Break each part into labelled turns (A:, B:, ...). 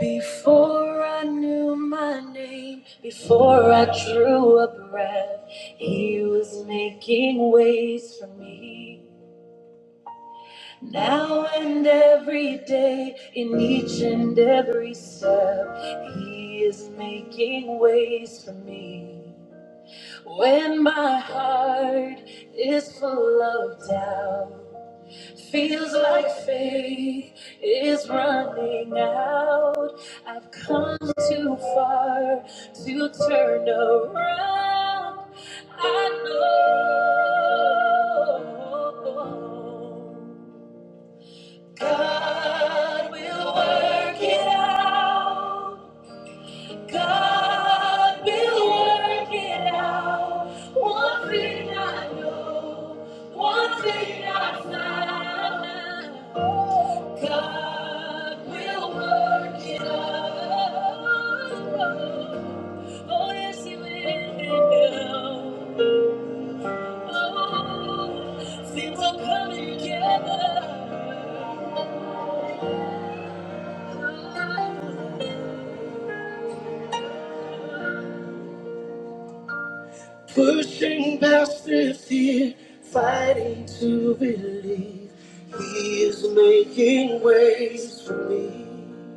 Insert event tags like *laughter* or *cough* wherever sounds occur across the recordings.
A: Before I knew my name, before I drew a breath, He was making ways for me. Now and every day, in each and every step, He is making ways for me. When my heart is full of doubt, Feels like faith is running out. I've come too far to turn around. I know God will work it out. God will work it out. One thing I know, one thing I found. God will work it out. Oh, yes, He will. Oh, things are coming together. Pushing past the fear, fighting to believe. He is making ways for me.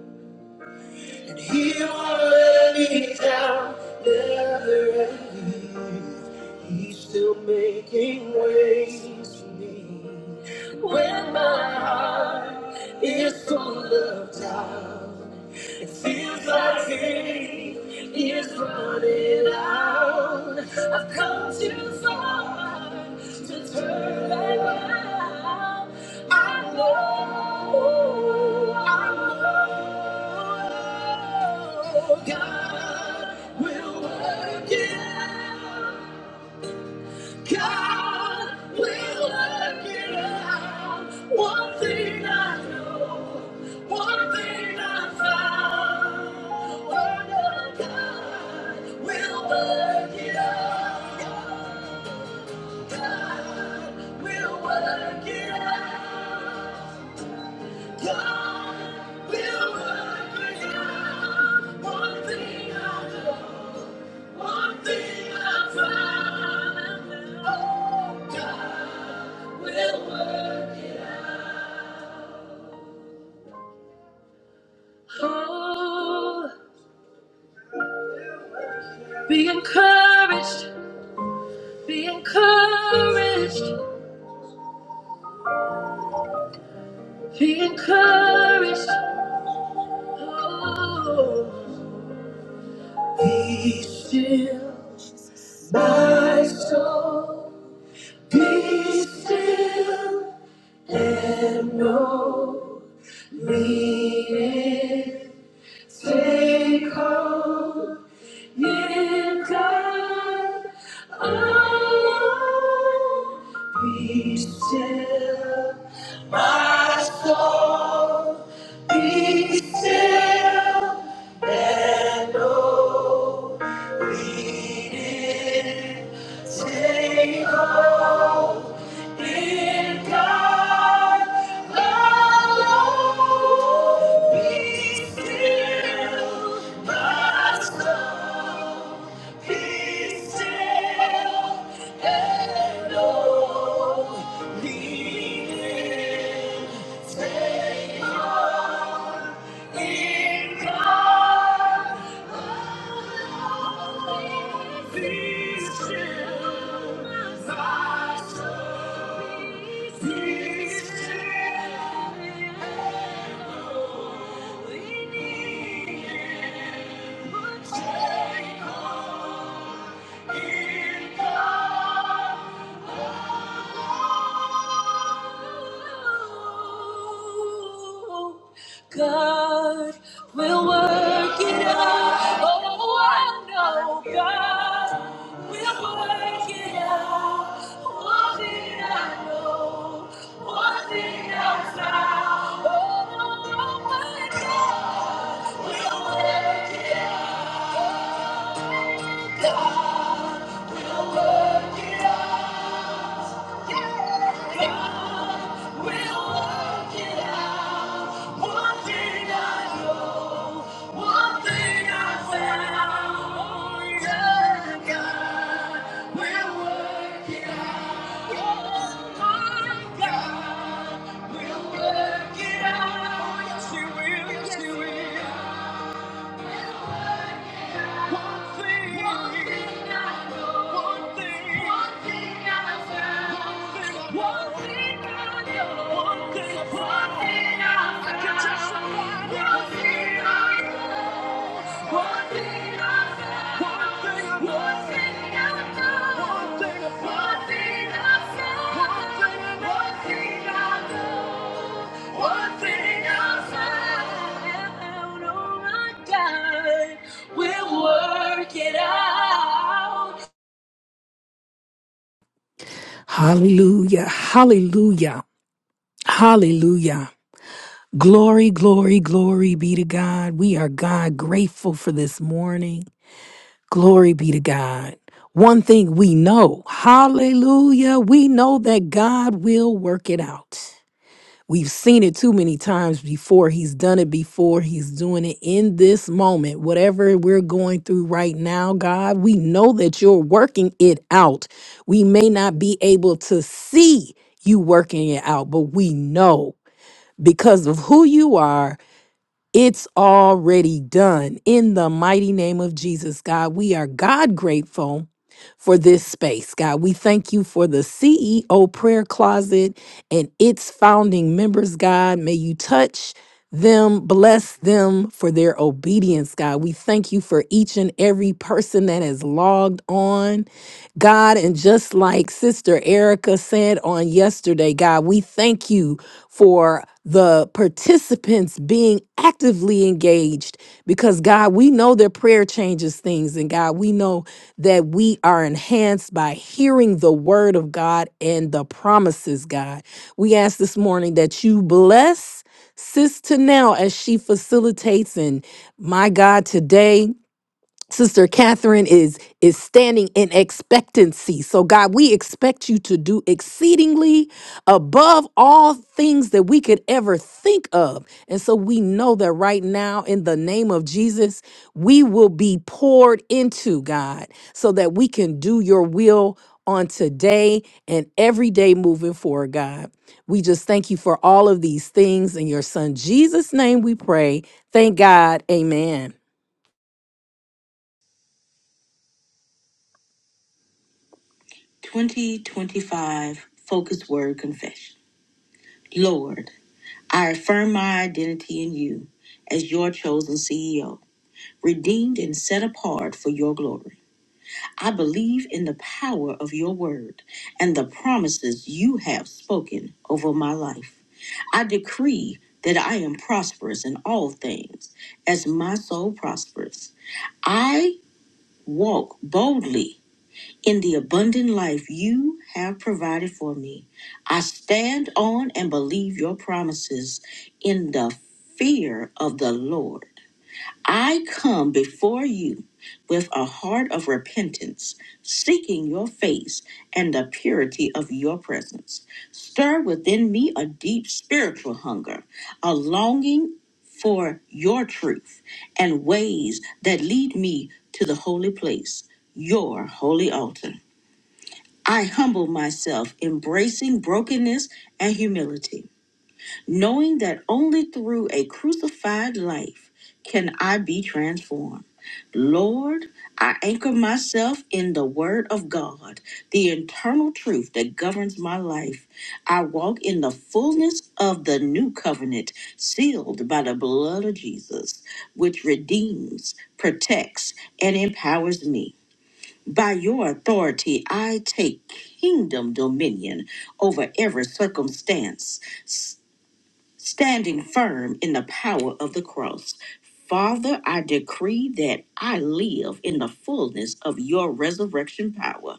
A: And he won't let me down, never ever leave. He's still making ways for me. When my heart is full of doubt. It feels like day is running out. I've come too far to turn back now. I know, I know God will work it out. God will work it out. One thing I know, one thing I found. Oh, no, God will work it out. God will work it out. God will work it out. One thing I know, one thing I found. Oh, God will work it out. Oh, be encouraged, be encouraged, be encouraged. Oh, be still, my soul, be still and know. Lean in, take hold. in God alone. Be still, my soul. Be still and know we did take hope in God alone. Be still, my soul. Be still Take all in God God will work it out. Oh, I know God will work it out. One thing I know, one thing else I know. Oh, my God will work it out. Oh, God will work it out. Yes, you will. Yes, you will. One thing I know.
B: Hallelujah. Hallelujah. Hallelujah. Glory, glory, glory be to God. We are God grateful for this morning. Glory be to God. One thing we know, hallelujah, we know that God will work it out. We've seen it too many times before. He's done it before. He's doing it in this moment. Whatever we're going through right now, God, we know that you're working it out. We may not be able to see you working it out, but we know because of who you are it's already done. In the mighty name of Jesus, God, we are God grateful for this space. God, we thank you for the CEO prayer closet and its founding members, God. May you touch them, bless them for their obedience, God. We thank you for each and every person that has logged on, God. And just like Sister Erica said on yesterday, God, we thank you for the participants being actively engaged because God, we know that prayer changes things. And God, we know that we are enhanced by hearing the word of God and the promises, God. We ask this morning that you bless Sis to now as she facilitates and my God today. Sister Catherine is is standing in expectancy. So God, we expect you to do exceedingly above all things that we could ever think of. And so we know that right now in the name of Jesus, we will be poured into God so that we can do your will on today and every day moving forward, God. We just thank you for all of these things in your son Jesus name we pray. Thank God. Amen.
C: 2025 Focus Word Confession. Lord, I affirm my identity in you as your chosen CEO, redeemed and set apart for your glory. I believe in the power of your word and the promises you have spoken over my life. I decree that I am prosperous in all things as my soul prospers. I walk boldly in the abundant life you have provided for me. I stand on and believe your promises in the fear of the Lord. I come before you with a heart of repentance, seeking your face and the purity of your presence. Stir within me a deep spiritual hunger, a longing for your truth and ways that lead me to the holy place, your holy altar. I humble myself, embracing brokenness and humility, knowing that only through a crucified life can I be transformed. Lord, I anchor myself in the Word of God, the internal truth that governs my life. I walk in the fullness of the new covenant, sealed by the blood of Jesus, which redeems, protects, and empowers me. By your authority, I take kingdom dominion over every circumstance, s- standing firm in the power of the cross. Father, I decree that I live in the fullness of your resurrection power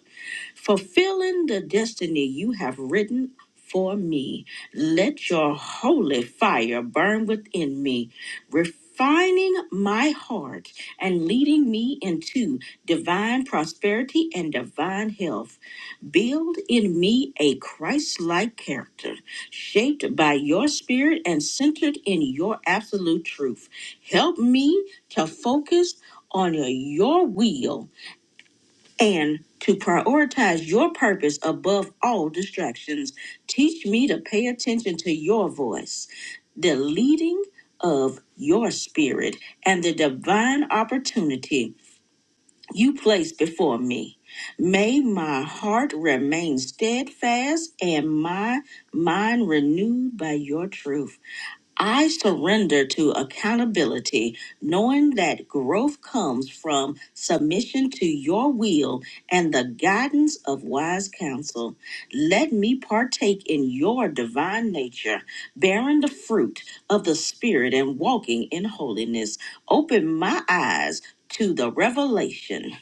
C: fulfilling the destiny you have written for me. Let your holy fire burn within me, refining my heart and leading me into divine prosperity and divine health. Build in me a Christ like character, shaped by your spirit and centered in your absolute truth. Help me to focus on your will and to prioritize your purpose above all distractions. Teach me to pay attention to your voice, the leading of your spirit, and the divine opportunity you place before me. May my heart remain steadfast and my mind renewed by your truth. I surrender to accountability, knowing that growth comes from submission to your will and the guidance of wise counsel. Let me partake in your divine nature, bearing the fruit of the Spirit and walking in holiness. Open my eyes to the revelation,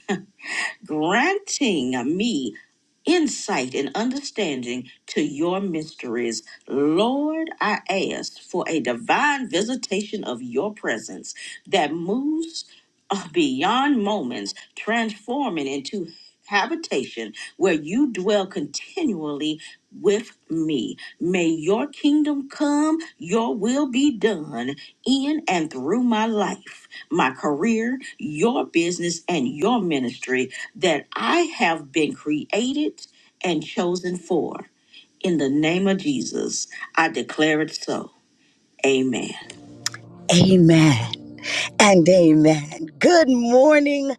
C: granting me insight and understanding to your mysteries. Lord, I ask for a divine visitation of your presence that moves uh, beyond moments, transforming into habitation where you dwell continually with me. May your kingdom come, your will be done in and through my life, my career, your business, and your ministry that I have been created and chosen for. In the name of Jesus, I declare it so. Amen.
A: Amen. and amen. Good morning,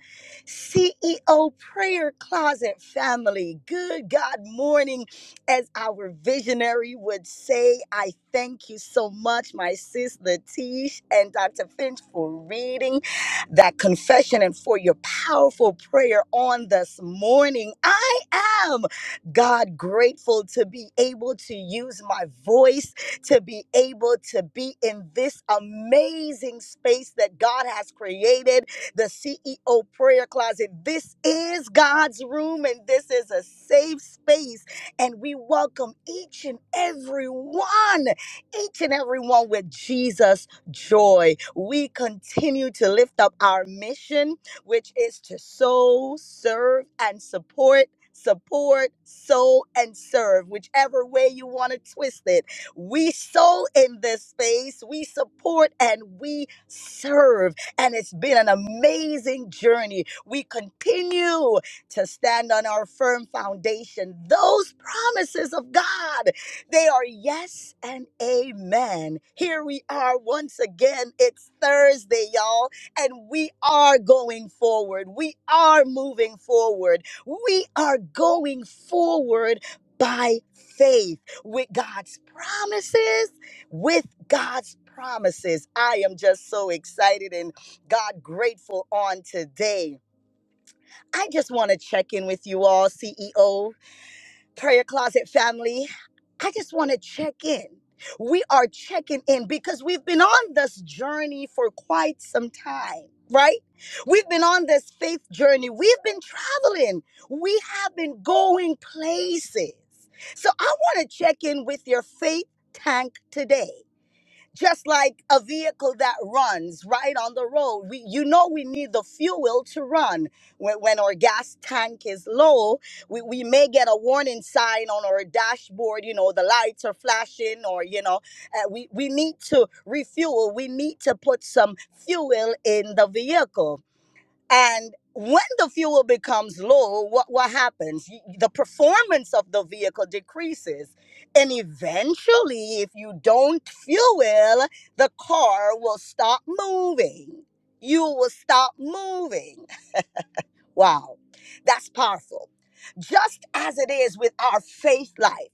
A: CEO Prayer Closet family. Good God morning, as our visionary would say. I thank you so much, my sis Latish and Dr. Finch, for reading that confession and for your powerful prayer on this morning. I am God grateful to be able to use my voice to be able to be in this amazing space that God has created, the CEO prayer closet. This is God's room and this is a safe space. And we welcome each and every one, each and every one with Jesus' joy. We continue to lift up our mission, which is to sow, serve, and support. Support, sow, and serve, whichever way you want to twist it. We sow in this space, we support and we serve. And it's been an amazing journey. We continue to stand on our firm foundation. Those promises of God, they are yes and amen. Here we are once again. It's Thursday, y'all, and we are going forward. We are moving forward. We are going forward by faith with God's promises, with God's promises. I am just so excited and God grateful on today. I just want to check in with you all, CEOs prayer closet family, I just want to check in. We are checking in because we've been on this journey for quite some time, right? We've been on this faith journey. We've been traveling. We have been going places. So I want to check in with your faith tank today just like a vehicle that runs right on the road we you know we need the fuel to run when, when our gas tank is low we, we may get a warning sign on our dashboard you know the lights are flashing or you know uh, we we need to refuel we need to put some fuel in the vehicle and when the fuel becomes low, what, what happens? Y- The performance of the vehicle decreases. And eventually, if you don't fuel, the car will stop moving. You will stop moving. Wow, that's powerful. Just as it is with our faith life,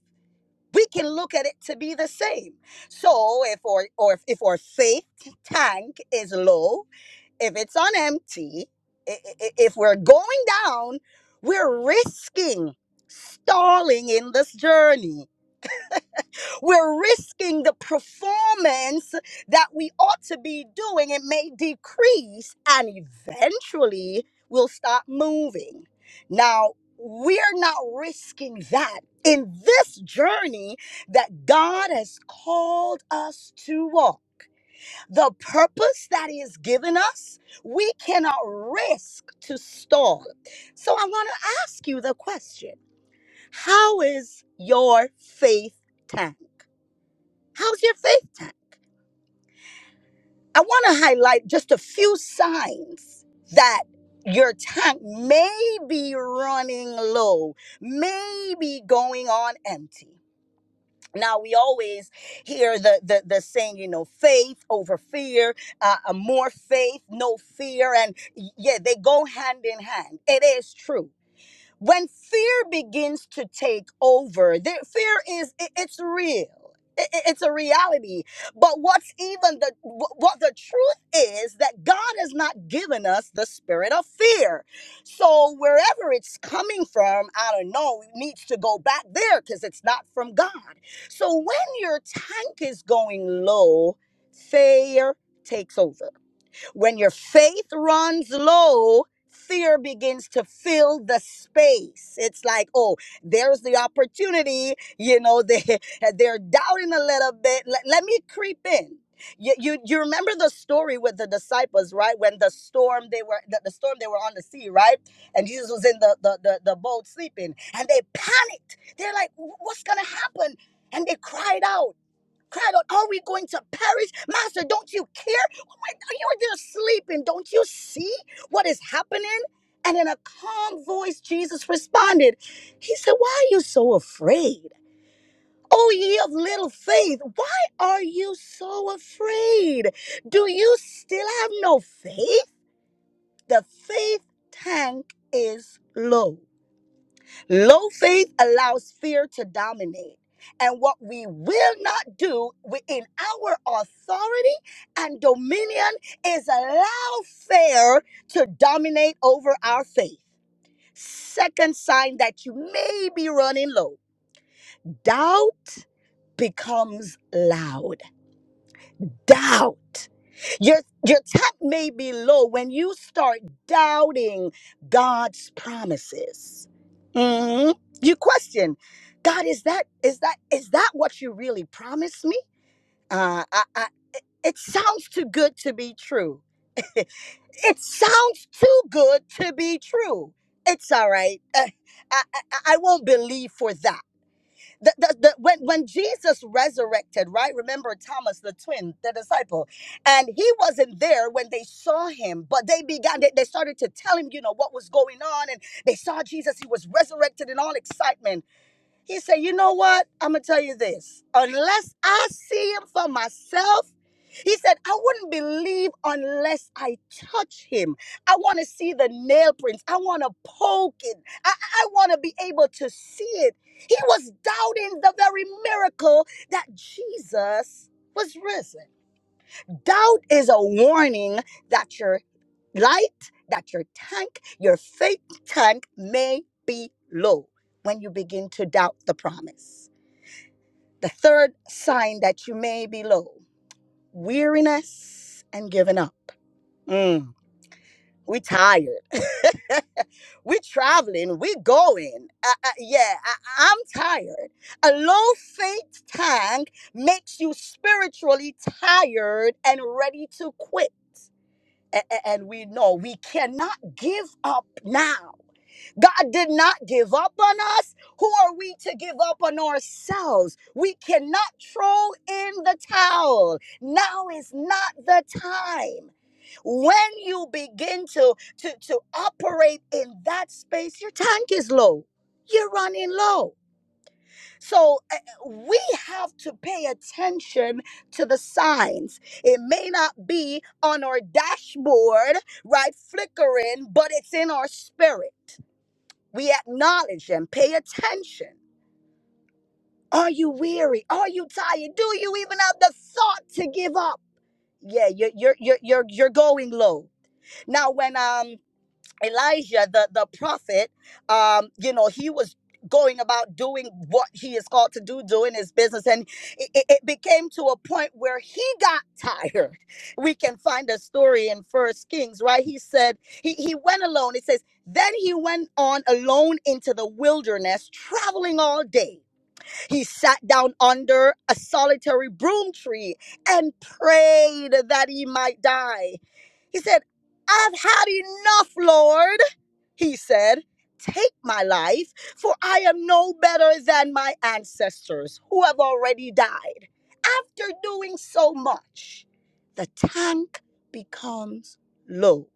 A: we can look at it to be the same. So, if or, or if our faith tank is low, if it's on empty, i- i- if we're going down, we're risking stalling in this journey. We're risking the performance that we ought to be doing. It may decrease and eventually we'll stop moving. Now, we're not risking that in this journey that God has called us to walk the purpose that is given us, we cannot risk to stall. So I want to ask you the question How is your faith tank? How's your faith tank? I want to highlight just a few signs that your tank may be running low, may be going on empty. now we always hear the, the the saying you know faith over fear uh, uh, more faith no fear and y- yeah they go hand in hand it is true when fear begins to take over there, fear is i- it's real I- i- it's a reality but what's even the wh- what the truth is that god has not given us the spirit of fear so wherever it's coming from i don't know it needs to go back there because it's not from god so when your tank is going low fear takes over when your faith runs low, fear begins to fill the space. It's like, oh, there's the opportunity. You know, they *laughs* they're doubting a little bit. Let, let me creep in. You, you you remember the story with the disciples, right? When the storm they were the, the storm they were on the sea, right? And Jesus was in the, the the the boat sleeping, and they panicked. They're like, "Wh- "What's gonna happen?" And they cried out cried out, Are we going to perish? Master, don't you care? Wait, Are you there sleeping? Don't you see what is happening? And in a calm voice, Jesus responded, He said, Why are you so afraid? O ye of little faith, why are you so afraid? Do you still have no faith? The faith tank is low. Low faith allows fear to dominate. And what we will not do within our authority and dominion is allow fear to dominate over our faith. Second sign that you may be running low doubt becomes loud doubt. Your, your tech may be low when you start doubting God's promises. Mhm. You question, God, is that is that is that what you really promised me? Uh, I, I, it sounds too good to be true. *laughs* It sounds too good to be true. It's all right. Uh, I, I, I won't believe for that. The, the, the, when, when Jesus resurrected, right? Remember Thomas, the twin, the disciple, and he wasn't there when they saw him, but they began, they, they started to tell him, you know, what was going on, and they saw Jesus, he was resurrected in all excitement. He said, You know what? I'm going to tell you this. Unless I see him for myself, he said, I wouldn't believe unless I touch him. I want to see the nail prints. I want to poke it. I, I want to be able to see it. He was doubting the very miracle that Jesus was risen. Doubt is a warning that your light, that your tank, your faith tank may be low when you begin to doubt the promise. The third sign that you may be low weariness and giving up. Mm, we tired. *laughs* we traveling. We going. Uh, uh, yeah, I, I'm tired. A low faith tank makes you spiritually tired and ready to quit. A- a- And we know we cannot give up now. God did not give up on us. Who are we to give up on ourselves? We cannot throw in the towel. Now is not the time. When you begin to, to, to operate in that space, your tank is low. You're running low so uh, we have to pay attention to the signs. It may not be on our dashboard, right, flickering, but it's in our spirit. We acknowledge and pay attention. Are you weary? Are you tired? Do you even have the thought to give up? Yeah, you're you're you're you're, you're going low. Now, when um Elijah, the, the prophet, um, you know, he was going about doing what he is called to do, doing his business. And it, it it became to a point where he got *laughs* tired. We can find a story in First Kings, right? He said, he, he went alone. It says, then he went on alone into the wilderness, traveling all day. He sat down under a solitary broom tree and prayed that he might die. He said, I've had enough, Lord. He said, Take my life, for I am no better than my ancestors who have already died. After doing so much, the tank becomes low.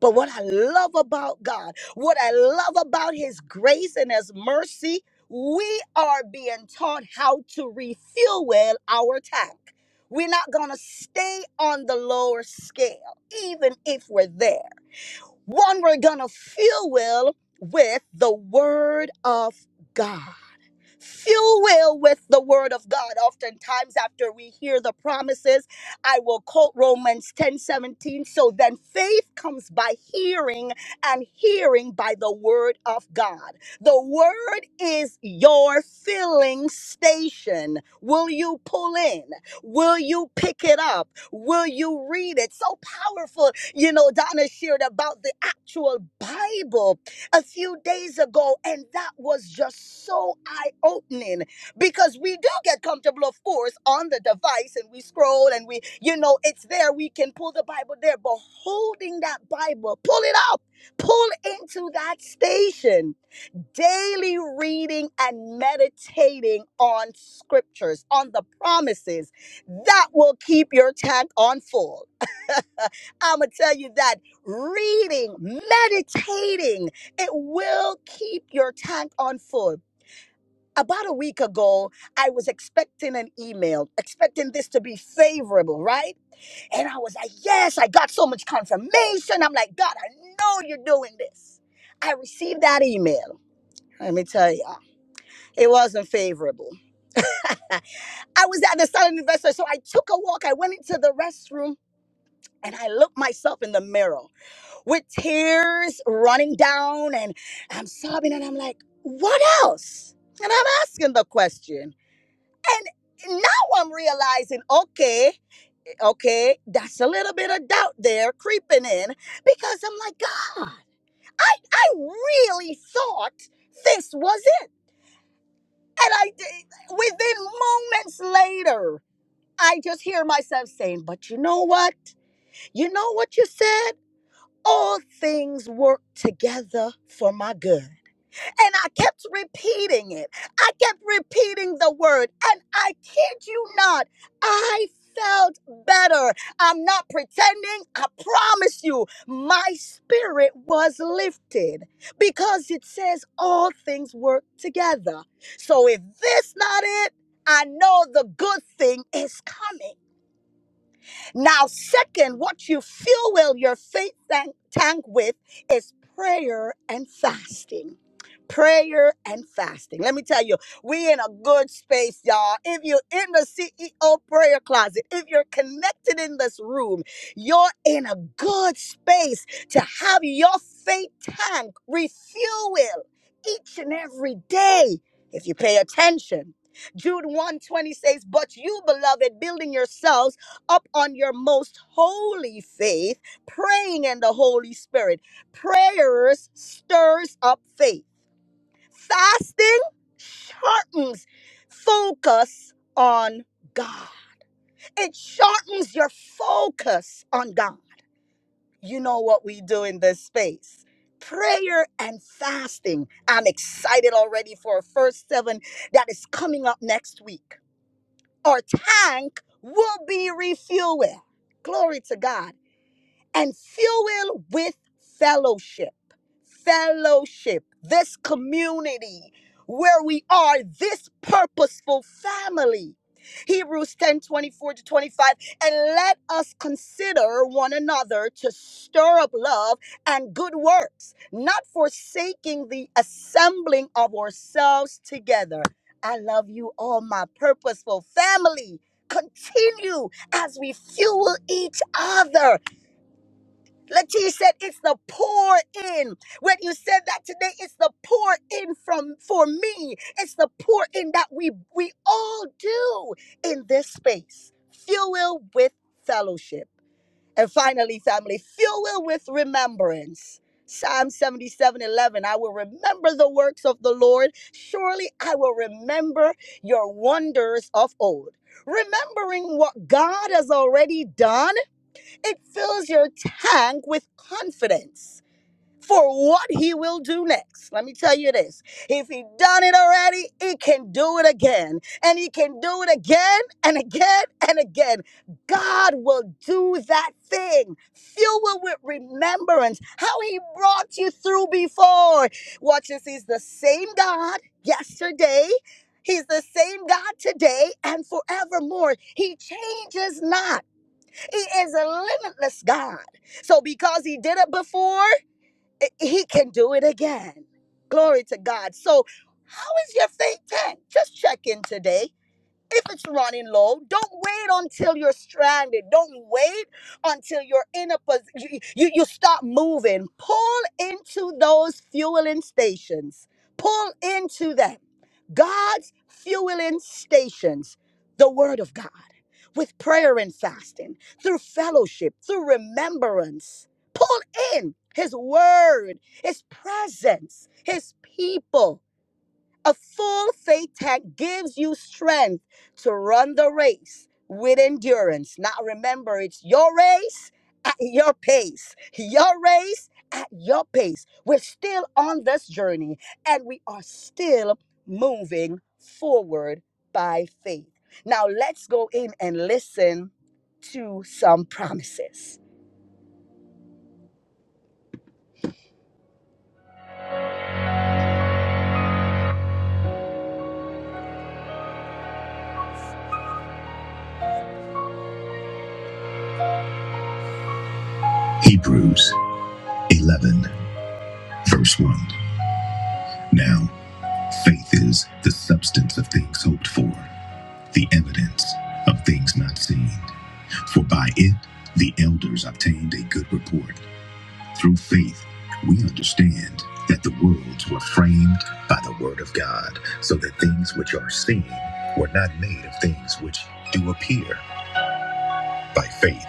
A: But what I love about God, what I love about His grace and His mercy, we are being taught how to refuel our tank. We're not going to stay on the lower scale, even if we're there. One, we're going to fuel with the word of God. Fuel with the word of God. Oftentimes, after we hear the promises, I will quote Romans 10 17. So then faith comes by hearing, and hearing by the word of God. The word is your filling station. Will you pull in? Will you pick it up? Will you read it? So powerful. You know, Donna shared about the actual Bible a few days ago, and that was just so eye opening because we do get comfortable, of course, on the device and we scroll and we, you know, it's there. We can pull the Bible there, but holding that Bible, pull it up, pull into that station, daily reading and meditating on scriptures, on the promises that will keep your tank on full. I'm going to tell you that reading, meditating, it will keep your tank on full. About a week ago, I was expecting an email, expecting this to be favorable, right? And I was like, yes, I got so much confirmation. I'm like, God, I know you're doing this. I received that email. Let me tell you, it wasn't favorable. I was at the silent investor, so I took a walk. I went into the restroom and I looked myself in the mirror. with tears running down and I'm sobbing and I'm like, what else? And I'm asking the question. And now I'm realizing, okay, okay, that's a little bit of doubt there creeping in because I'm like, God, I, I really thought this was it. And I did, within moments later, I just hear myself saying, but you know what? You know what you said? All things work together for my good. And I kept repeating it. I kept repeating the word. And I kid you not, I felt better. I'm not pretending. I promise you, my spirit was lifted because it says all things work together. So if this not it, I know the good thing is coming. Now, second, what you fuel your faith tank tank with is prayer and fasting prayer and fasting. Let me tell you, we in a good space, y'all. If you're in the CEO prayer closet, if you're connected in this room, you're in a good space to have your faith tank refuel each and every day if you pay attention. Jude 120 says, But you, beloved, building yourselves up on your most holy faith, praying in the Holy Spirit. Prayers stirs up faith Fasting sharpens focus on God. It sharpens your focus on God. You know what we do in this space. Prayer and fasting. I'm excited already for our first seven that is coming up next week. Our tank will be refueled. Glory to God and fuel with fellowship. Fellowship, this community where we are, this purposeful family. Hebrews 10 24 to 25. And let us consider one another to stir up love and good works, not forsaking the assembling of ourselves together. I love you all, my purposeful family. Continue as we fuel each other Latia said, "It's the pour in." When you said that today, it's the pour in from for me. It's the pour in that we we all do in this space. Fuel with fellowship, and finally, family, fuel with remembrance. Psalm 77, 11. I will remember the works of the Lord. Surely I will remember your wonders of old. Remembering what God has already done it fills your tank with confidence for what he will do next. Let me tell you this. If he done it already, he can do it again. And he can do it again and again and again. God will do that thing. Fuel it with remembrance how he brought you through before. Watch this. He's the same God yesterday. He's the same God today and forevermore. He changes not. He is a limitless God. So because he did it before, i- he can do it again. Glory to God. So how is your faith tank? Just check in today. If it's running low, don't wait until you're stranded. Don't wait until you're in a position. You, you, you stop moving. Pull into those fueling stations. Pull into them God's fueling stations, the Word of God, with prayer and fasting, through fellowship, through remembrance. Pull in His Word, His presence, His people. A full faith tank gives you strength to run the race with endurance. Now remember, it's your race at your pace, your race at your pace. We're still on this journey and we are still moving forward by faith. Now let's go in and listen to some promises. Hebrews 11, verse 1. Now, faith is the substance of things hoped for the evidence of things not seen. For by it the elders obtained a good report. Through faith we understand that the worlds were framed by the word of God, so that things which are seen were not made of things which do appear. By faith,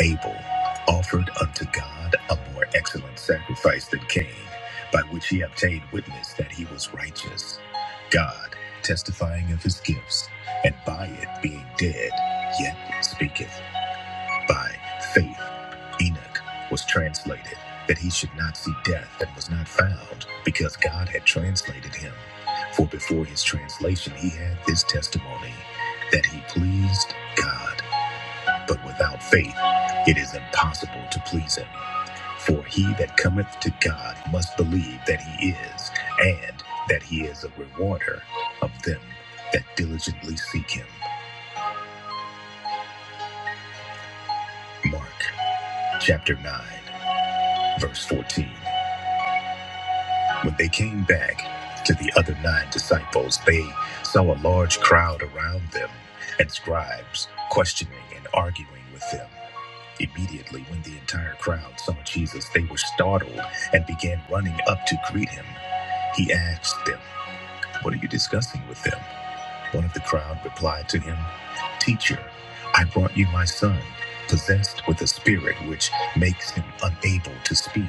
A: Abel offered unto God a more excellent sacrifice than Cain, by which he obtained witness that he was righteous. God testifying of his gifts, and by it being dead, yet speaketh. By faith, Enoch was translated, that he should not see death, and was not found, because God had translated him. For before his translation, he had this testimony, that he pleased God. But without faith it is impossible to please him. For he that cometh to God must believe that he is, and that he is a rewarder of them that diligently seek him. Mark chapter 9, verse 14. When they came back to the other nine disciples, they saw a large crowd around them and scribes questioning and arguing with them. Immediately, when the entire crowd saw Jesus, they were startled and began running up to greet him. He asked them, What are you discussing with them? One of the crowd replied to him, Teacher, I brought you my son, possessed with a spirit which makes him unable to speak.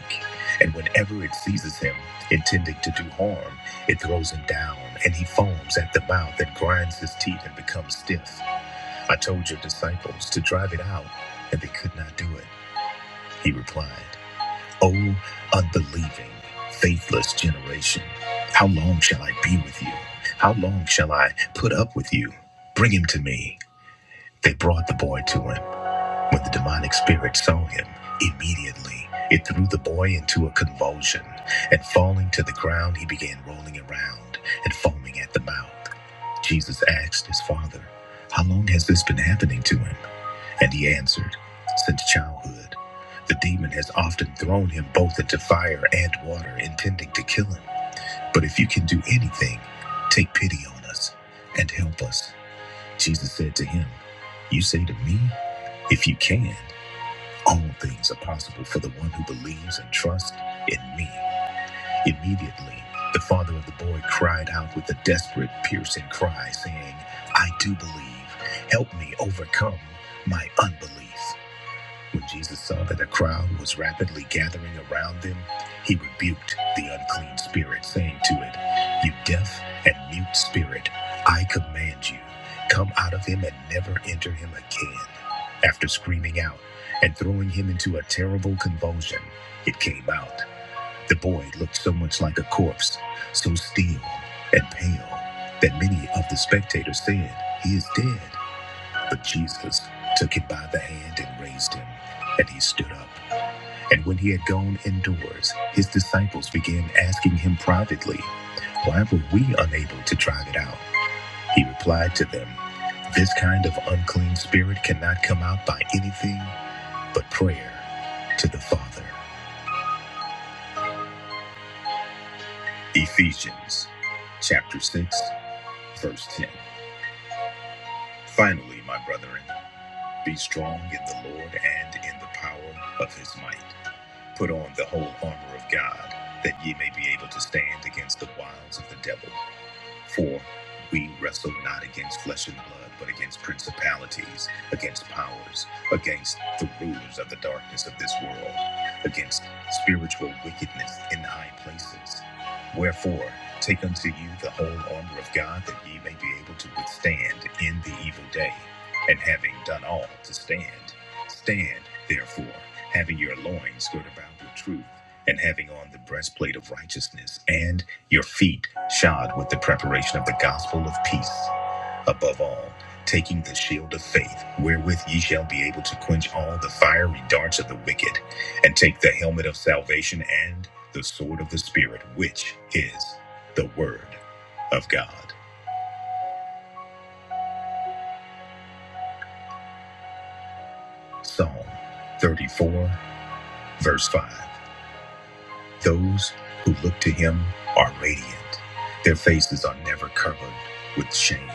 A: And whenever it seizes him, intending to do harm, it throws him down, and he foams at the mouth and grinds his teeth and becomes stiff. I told your disciples to drive it out, and they could not do it. He replied, O unbelieving, faithless generation, how long shall I be with you? How long shall I put up with you? Bring him to me. They brought the boy to him. When the demonic spirit saw him, immediately it threw the boy into a convulsion, and falling to the ground, he began rolling around and foaming at the mouth. Jesus asked his father, How long has this been happening to him? And he answered, Since childhood. The demon has often thrown him both into fire and water, intending to kill him. But if you can do anything, take pity on us and help us. Jesus said to him, You say to me, If you can. All things are possible for the one who believes and trusts in me. Immediately, the father of the boy cried out with a desperate, piercing cry, saying, I do believe. Help me overcome my unbelief. When Jesus saw that a crowd was rapidly gathering around them, he rebuked the unclean spirit, saying to it, You deaf and mute spirit, I command you, come out of him and never enter him again. After screaming out and throwing him into a terrible convulsion, it came out. The boy looked so much like a corpse, so still and pale, that many of the spectators said, He is dead. But Jesus took him by the hand and raised him, and he stood up. And when he had gone indoors, his disciples began asking him privately, Why were we unable to drive it out? He replied to them, This kind of unclean spirit cannot come out by anything but prayer to the Father. Ephesians chapter 6, verse 10. Finally, my brethren, be strong in the Lord and in the power of his might. Put on the whole armor of God, that ye may be able to stand against the wiles of the devil. For we wrestle not against flesh and blood, but against principalities, against powers, against the rulers of the darkness of this world, against spiritual wickedness in high places. Wherefore, take unto you the whole armor of God, that ye may be able to withstand in the evil day. And having done all to stand, stand therefore, having your loins girt about with truth, and having on the breastplate of righteousness, and your feet shod with the preparation of the gospel of peace. Above all, taking the shield of faith, wherewith ye shall be able to quench all the fiery darts of the wicked, and take the helmet of salvation and the sword of the Spirit, which is the Word of God. Psalm 34, verse 5. Those who look to him are radiant, their faces are never covered with shame.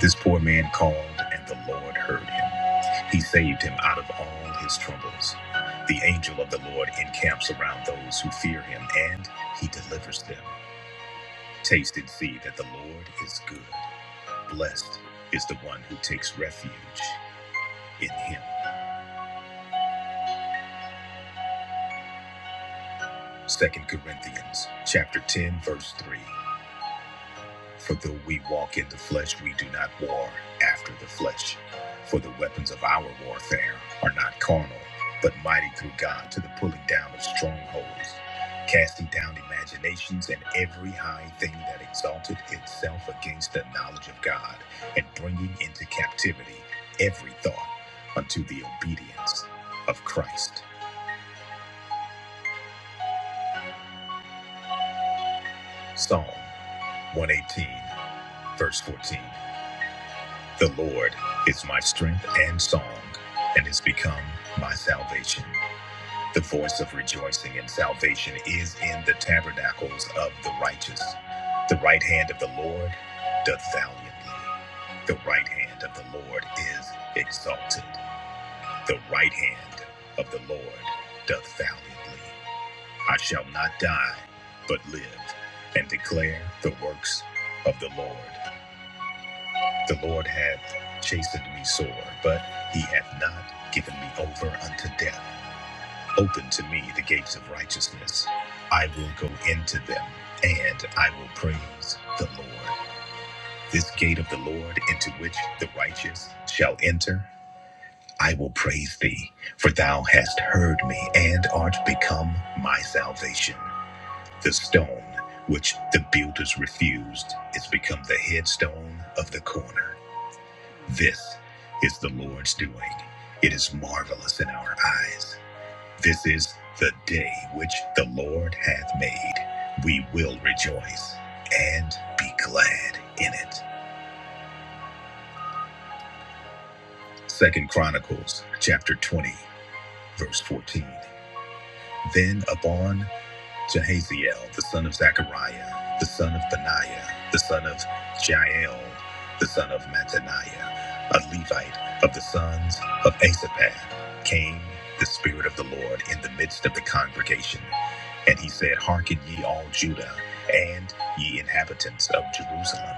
A: This poor man called, and the Lord heard him. He saved him out of all his troubles. The angel of the Lord encamps around those who fear him, and he delivers them. Taste and see that the Lord is good. Blessed is the one who takes refuge in him. Second Corinthians chapter 10 verse 3. For though we walk in the flesh, we do not war after the flesh. For the weapons of our warfare are not carnal, but mighty through God to the pulling down of strongholds, casting down imaginations and every high thing that exalted itself against the knowledge of God, and bringing into captivity every thought unto the obedience of Christ. Psalm 118, verse 14. The Lord is my strength and song, and is become my salvation. The voice of rejoicing and salvation is in the tabernacles of the righteous. The right hand of the Lord doth valiantly. The right hand of the Lord is exalted. The right hand of the Lord doth valiantly. I shall not die, but live, and declare the works of the Lord. The Lord hath chastened me sore, but he hath not given me over unto death. Open to me the gates of righteousness. I will go into them, and I will praise the Lord. This gate of the Lord into which the righteous shall enter, I will praise thee, for thou hast heard me, and art become my salvation. The stone which the builders refused is become the headstone of the corner. This is the Lord's doing. It is marvelous in our eyes. This is the day which the Lord hath made. We will rejoice and be glad in it. Second Chronicles chapter 20, verse 14. Then upon Jehaziel, the son of Zechariah, the son of Benaiah, the son of Jael, the son of Mattaniah, a Levite of the sons of Asaphat, came the Spirit of the Lord in the midst of the congregation. And he said, Hearken ye all Judah, and ye inhabitants of Jerusalem,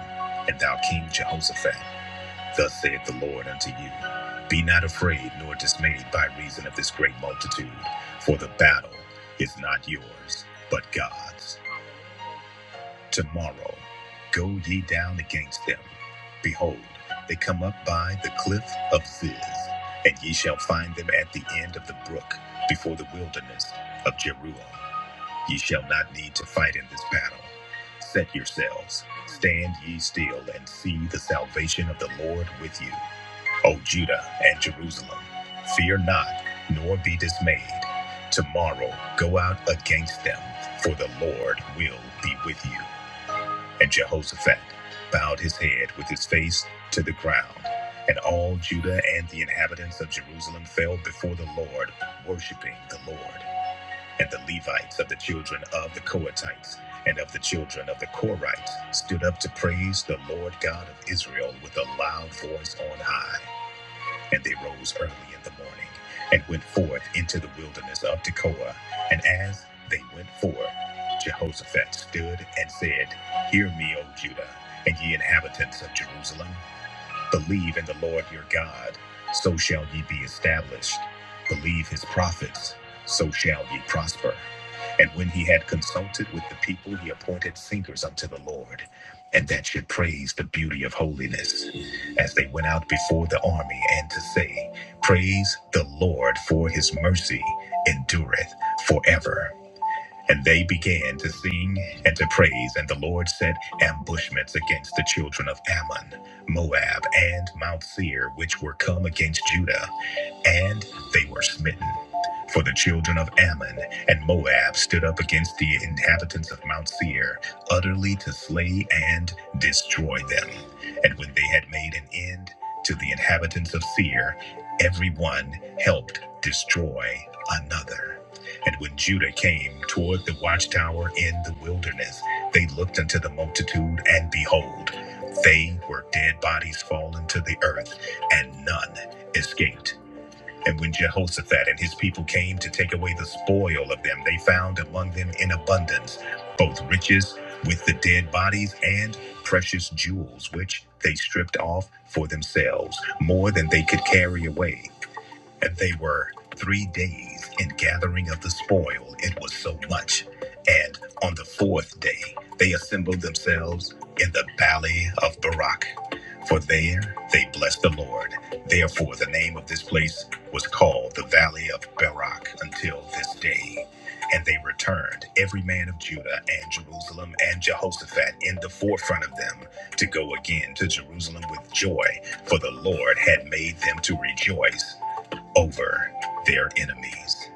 A: and thou King Jehoshaphat. Thus saith the Lord unto you Be not afraid nor dismayed by reason of this great multitude, for the battle is not yours, but God's. Tomorrow go ye down against them. Behold, they come up by the cliff of Ziz, and ye shall find them at the end of the brook, before the wilderness of Jeruel. Ye shall not need to fight in this battle. Set yourselves, stand ye still, and see the salvation of the Lord with you. O Judah and Jerusalem, fear not, nor be dismayed. Tomorrow go out against them, for the Lord will be with you. And Jehoshaphat bowed his head with his face to the ground. And all Judah and the inhabitants of Jerusalem fell before the Lord, worshiping the Lord. And the Levites of the children of the Kohathites and of the children of the Korites stood up to praise the Lord God of Israel with a loud voice on high. And they rose early in the morning and went forth into the wilderness of Tekoa. And as they went forth, Jehoshaphat stood and said, Hear me, O Judah, and ye inhabitants of Jerusalem. Believe in the Lord your God, so shall ye be established. Believe his prophets, so shall ye prosper. And when he had consulted with the people, he appointed singers unto the Lord, and that should praise the beauty of holiness, as they went out before the army, and to say, Praise the Lord, for his mercy endureth forever. And they began to sing and to praise, and the Lord set ambushments against the children of Ammon, Moab, and Mount Seir, which were come against Judah, and they were smitten. For the children of Ammon and Moab stood up against the inhabitants of Mount Seir, utterly to slay and destroy them. And when they had made an end to the inhabitants of Seir, every one helped destroy another. And when Judah came toward the watchtower in the wilderness, they looked unto the multitude, and behold, they were dead bodies fallen to the earth, and none escaped. And when Jehoshaphat and his people came to take away the spoil of them, they found among them in abundance both riches with the dead bodies and precious jewels, which they stripped off for themselves, more than they could carry away. And they were three days in gathering of the spoil, it was so much. And on the fourth day, they assembled themselves in the valley of Barak. For there they blessed the Lord. Therefore, the name of this place was called the Valley of Barak until this day. And they returned, every man of Judah and Jerusalem and Jehoshaphat in the forefront of them, to go again to Jerusalem with joy, for the Lord had made them to rejoice over their enemies.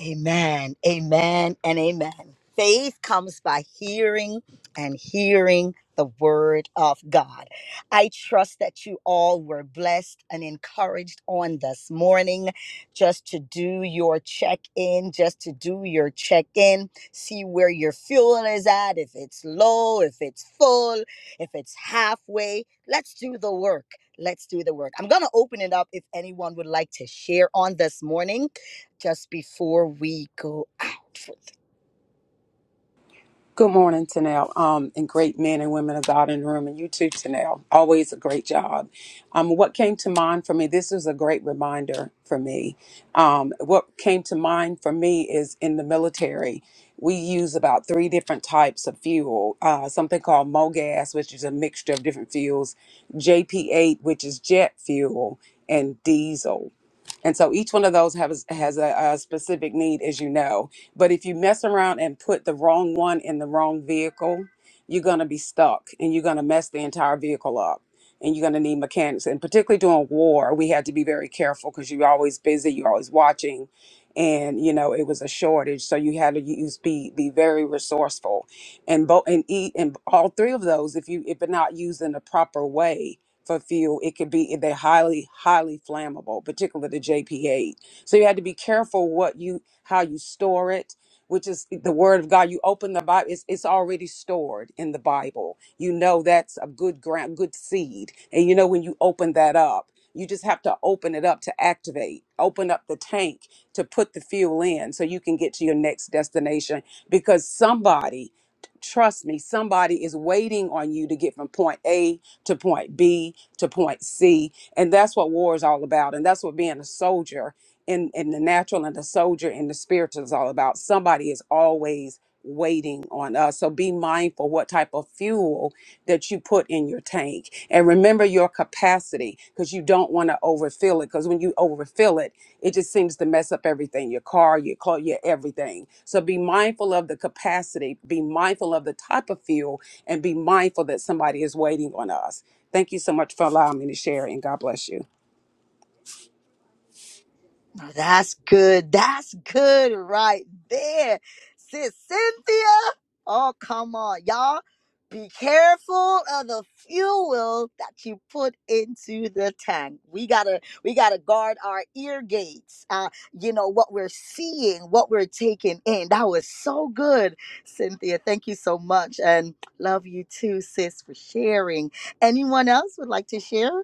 A: Amen. Amen and amen. Faith comes by hearing and hearing the word of God. I trust that you all were blessed and encouraged on this morning just to do your check in, just to do your check in, see where your fuel is at, if it's low, if it's full, if it's halfway. Let's do the work. Let's do the work. I'm going to open it up if anyone would like to share on this morning just before we go out.
D: Good morning, Tanel, um, and great men and women of God in the room, and you too, Tanel. Always a great job. Um, what came to mind for me, this is a great reminder for me. Um, what came to mind for me is in the military, we use about three different types of fuel uh, something called MOGAS, which is a mixture of different fuels, JP8, which is jet fuel, and diesel. And so each one of those has has a, a specific need, as you know. But if you mess around and put the wrong one in the wrong vehicle, you're gonna be stuck and you're gonna mess the entire vehicle up. And you're gonna need mechanics. And particularly during war, we had to be very careful because you're always busy, you're always watching. And you know it was a shortage, so you had to use be be very resourceful, and both and eat and all three of those. If you if not used in the proper way, for fuel, it could be they're highly, highly flammable, particularly the JP8. So you had to be careful what you how you store it, which is eh, the word of God. You open the Bible, it's, it's already stored in the Bible. You know that's a good ground, good seed. And you know when you open that up, you just have to open it up to activate, open up the tank to put the fuel in so you can get to your next destination because somebody Trust me, somebody is waiting on you to get from point A to point B to point C. And that's what war is all about. And that's what being a soldier in, in the natural and the soldier in the spiritual is all about. Somebody is always waiting on us. So be mindful what type of fuel that you put in your tank. And remember your capacity because you don't want to overfill it. Because when you overfill it, it just seems to mess up everything your car, your car, your everything. So be mindful of the capacity, be mindful of the type of fuel, and be mindful that somebody is waiting on us. Thank you so much for allowing me to share, and God bless you.
A: Now, that's good. That's good right there. Sis Cynthia. Oh, come on, y'all. Be careful of the fuel that you put into the tank. We gotta, we gotta guard our ear gates. Uh, you know what we're seeing, what we're taking in. That was so good, Cynthia. Thank you so much, and love you too, sis, for sharing. Anyone else would like to share?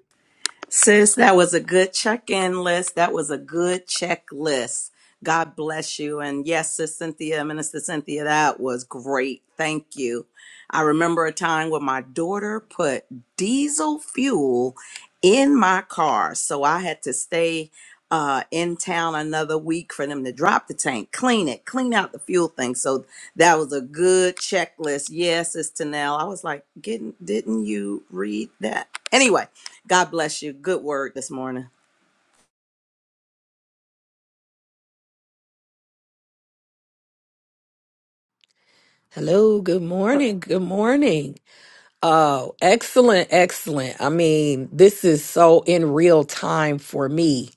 E: Sis, that was a good check in list. That was a good checklist. God bless you. And yes, Sis Cynthia, Minister Cynthia, that was great. Thank you. I remember a time when my daughter put diesel fuel in my car. So I had to stay uh, in town another week for them to drop the tank, clean it, clean out the fuel thing. So that was a good checklist. Yes, Sis Tanel. I was like, didn't, didn't you read that? Anyway. God bless you. Good word this morning.
B: Hello, good morning. Good morning. Oh, excellent, excellent. I mean, this is so in real time for me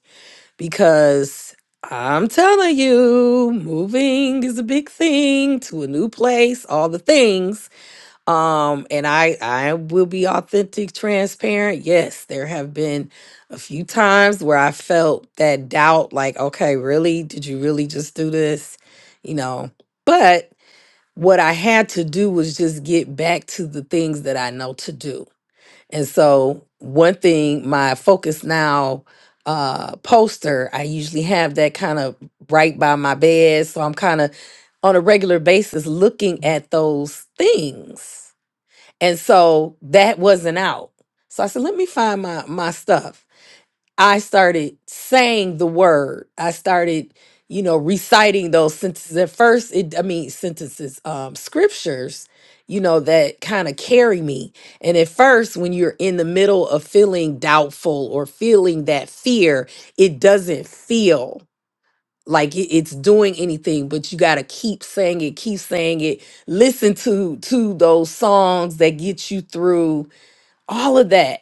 B: because I'm telling you, moving is a big thing to a new place, all the things. Um, and I I will be authentic, transparent. Yes, there have been a few times where I felt that doubt like, okay, really? Did you really just do this? You know, but what I had to do was just get back to the things that I know to do. And so, one thing, my Focus Now uh, poster, I usually have that kind of right by my bed. So, I'm kind of on a regular basis looking at those things. And so, that wasn't out. So, I said, let me find my, my stuff. I started saying the word. I started, you know, reciting those sentences. At first, it I mean sentences, um, scriptures, you know, that kind of carry me. And at first, when you're in the middle of feeling doubtful or feeling that fear, it doesn't feel like it- it's doing anything but you got to keep saying it keep saying it listen to to those songs that get you through all of that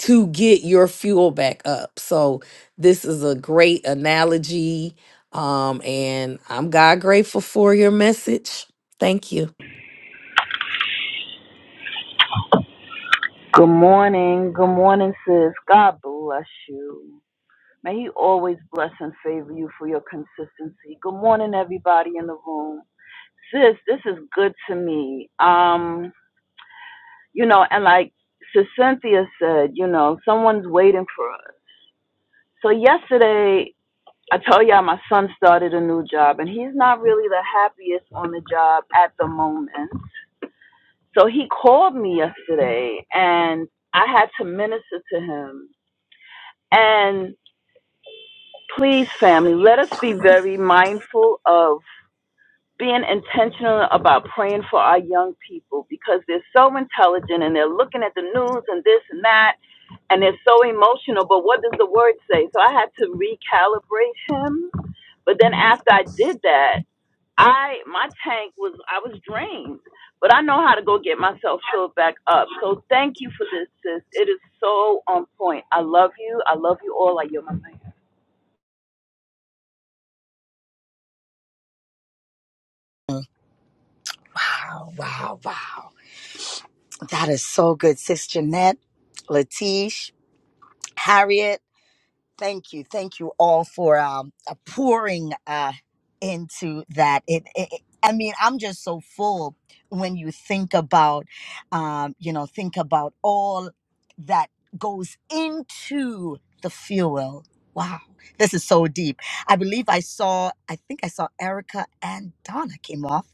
B: to get your fuel back up. So this is a great analogy. Um, and I'm God grateful for your message. Thank you.
F: Good morning. Good morning, sis. God bless you. May He always bless and favor you for your consistency. Good morning, everybody in the room. Sis, this is good to me. Um, you know, and like Sis Cynthia said, you know, someone's waiting for us. So yesterday, I told y'all my son started a new job, and he's not really the happiest on the job at the moment. So he called me yesterday, and I had to minister to him. And Please, family, let us be very mindful of being intentional about praying for our young people because they're so intelligent and they're looking at the news and this and that and they're so emotional. But what does the word say? So I had to recalibrate him. But then after I did that, I my tank was I was drained, but I know how to go get myself filled back up. So thank you for this, sis. It is so on point. I love you. I love you all. I yield my mic.
A: Wow, wow, wow. That is so good, Sis Jeanette, Latish, Harriet. Thank you. Thank you all for um, uh, pouring uh, into that. It, it, it- I mean, I'm just so full when you think about, um, you know, think about all that goes into the fuel. Wow, this is so deep. I believe I saw, I think I saw Erica and Donna came off.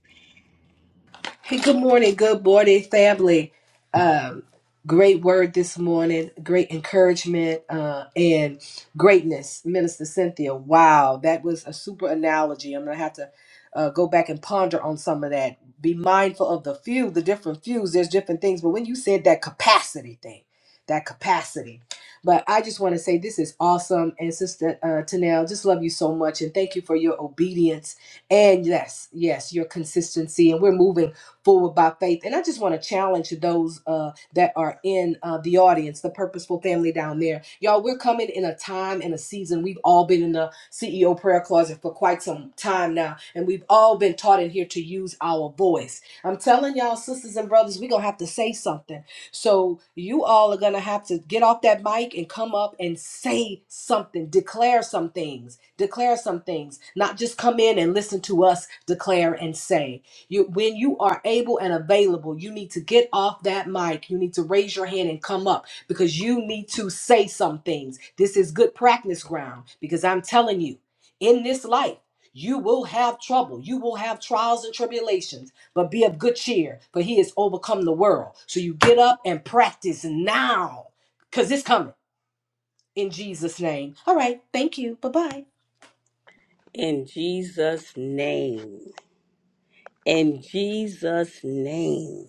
G: Hey, good morning, good morning, family. Um, great word this morning, great encouragement, uh, and greatness, Minister Cynthia. Wow, that was a super analogy. I'm gonna have to uh, go back and ponder on some of that. Be mindful of the few, the different fews. There's different things, but when you said that capacity thing, that capacity. But I just want to say this is awesome, and Sister uh, Tanel, just love you so much, and thank you for your obedience and yes, yes, your consistency. And we're moving forward by faith. And I just want to challenge those uh, that are in uh, the audience, the purposeful family down there. Y'all, we're coming in a time and a season. We've all been in the CEO prayer closet for quite some time now, and we've all been taught in here to use our voice. I'm telling y'all, sisters and brothers, we're going to have to say something. So you all are going to have to get off that mic and come up and say something, declare some things, declare some things, not just come in and listen to us declare and say. You, when you are able and available, you need to get off that mic. You need to raise your hand and come up because you need to say some things. This is good practice ground because I'm telling you, in this life, you will have trouble. You will have trials and tribulations, but be of good cheer, for he has overcome the world. So you get up and practice now because it's coming in Jesus' name. All right. Thank you. Bye bye.
H: In Jesus' name. In Jesus' name.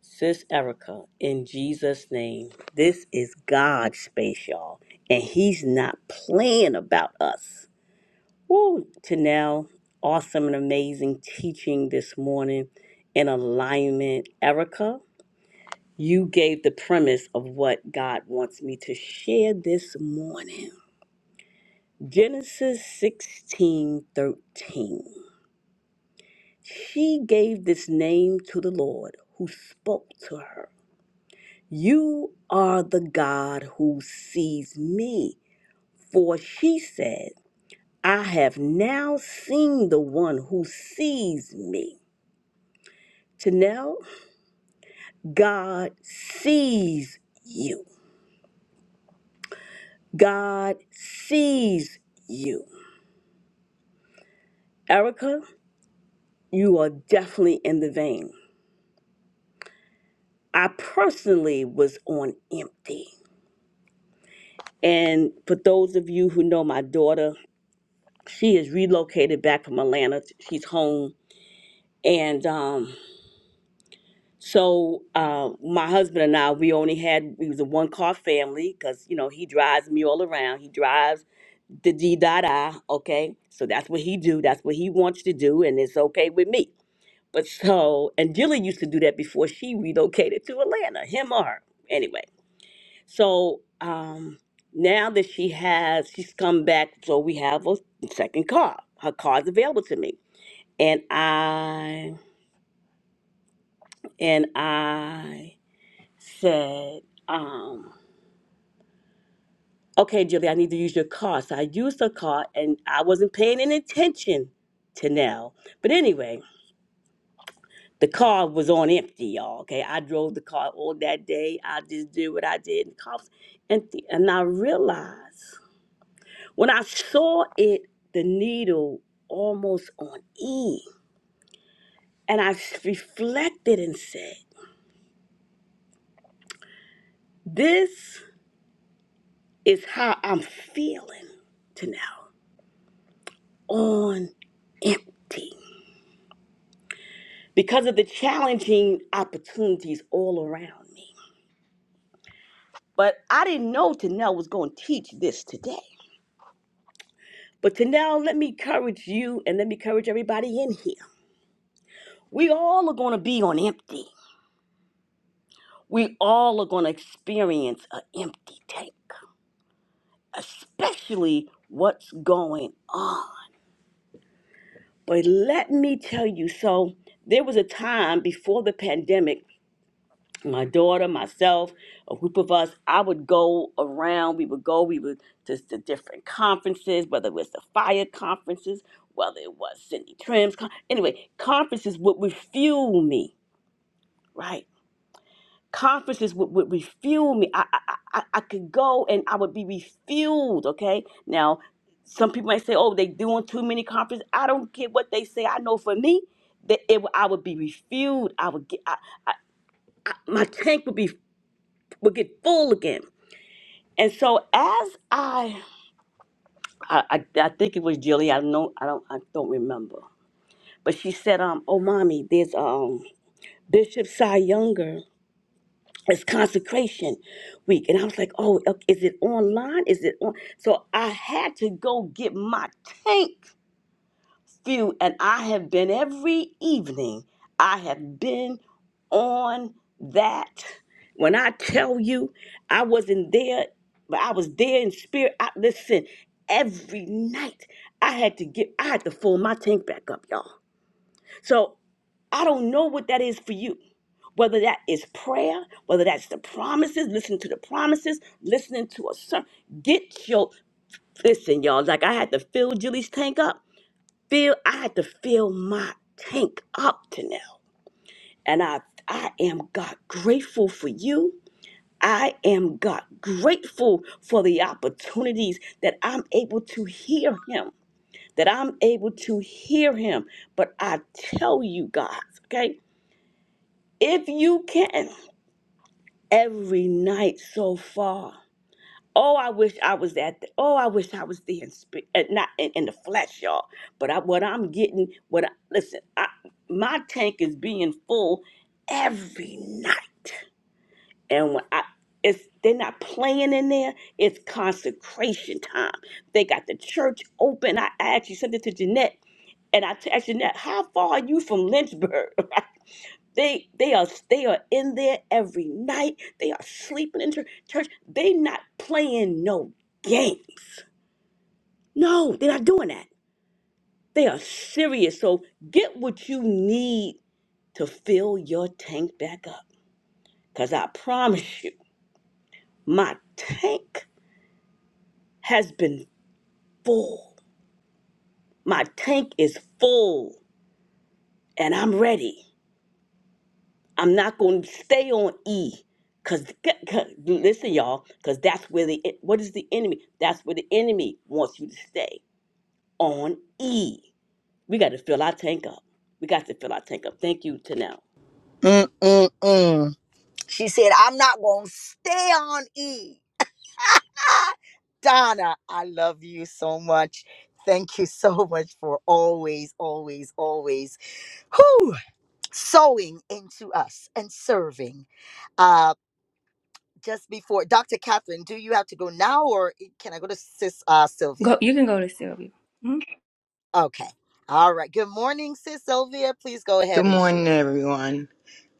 H: Sis Erica, in Jesus' name. This is God's space, y'all. And He's not playing about us. Woo! Tanel, awesome and amazing teaching this morning in alignment. Erica, you gave the premise of what God wants me to share this morning. Genesis 16 13. She gave this name to the Lord who spoke to her. You are the God who sees me. For she said, I have now seen the one who sees me. Chanel, God sees you. God sees you. Erica, you are definitely in the vein. I personally was on empty. And for those of you who know my daughter, she is relocated back from Atlanta. She's home, and um, so uh, my husband and I, we only had we was a one car family because you know he drives me all around. He drives the D da da. Okay, so that's what he do. That's what he wants to do, and it's okay with me. But so and Jilly used to do that before she relocated to Atlanta. Him or her, anyway. So um, now that she has, she's come back. So we have a second car. Her car's available to me. and I and I said, um, okay, Julie, I need to use your car. So I used her car and I wasn't paying any attention to now. But anyway, the car was on empty, y'all. Okay. I drove the car all that day. I just did what I did. And the car was empty. And I realized when I saw it, the needle almost on E. And I s- reflected and said, this is how I'm feeling to now on empty because of the challenging opportunities all around me. But I didn't know Tanel was going to teach this today. But Tanel, let me encourage you and let me encourage everybody in here. We all are going to be on empty. We all are going to experience an empty tank, especially what's going on. But let me tell you so, there was a time before the pandemic my daughter, myself, a group of us, I would go around. We would go, we would just to different conferences, whether it was the fire conferences, whether it was Cindy Trim's. Con- anyway, conferences would refuel me, right? Conferences would, would refuel me. I, I, I, I could go and I would be refueled, okay? Now, some people might say, oh, they doing too many conferences. I don't care what they say. I know for me, that it, I would be refueled. I would get, I, I, my tank would be would get full again And so as I, I, I, I think it was Jilly. I know I don't I don't remember, but she said, "Um, oh, mommy, there's um Bishop Cy Younger. It's consecration week." And I was like, "Oh, ok- is it online? Is it on?" So I had to go get my tank few, and I have been every evening, I have been on that. When I tell you I wasn't there, but I was there in spirit. I, listen, every night I had to get, I had to fill my tank back up, y'all. So I don't know what that is for you. Whether that is prayer, whether that's the promises, listen to the promises, listening to a sermon. Get your, listen, y'all, like I had to fill Julie's tank up fill I had to fill my tank up to now. And I I am God grateful for you. I am God grateful for the opportunities that I'm able to hear him. That I'm able to hear him. But I tell you guys, okay, if you can, every night so far. Oh, I wish I was at. The, oh, I wish I was there, in spirit, uh, not in, in the flesh, y'all. But I, what I'm getting, what I, listen, I, my tank is being full every night, and when I, it's they're not playing in there. It's consecration time. They got the church open. I actually sent it to Jeanette, and I asked Jeanette, "How far are you from Lynchburg?" *laughs* They they are they are in there every night. They are sleeping in chur- church. They not playing no games. No, they're not doing that. They are serious. So get what you need to fill your tank back up. Cause I promise you, my tank has been full. My tank is full and I'm ready. I'm not going to stay on E. Cause, cause listen, y'all, cause that's where the e, what is the enemy? That's where the enemy wants you to stay on E. We got to fill our tank up. We got to fill our tank up. Thank you, Tanel.
A: Mm-mm-mm. She said, I'm not going to stay on E. *laughs* Donna, I love you so much. Thank you so much for always, always, always whew, sewing into us and serving. Uh, just before, Dr. Catherine, do you have to go now or can I go to Sis uh, Sylvia?
I: Go. You can go to Sylvia. Mhm.
A: Okay. All right. Good morning, Sis Sylvia. Please go
J: Good
A: ahead and
J: morning,
A: share.
J: everyone.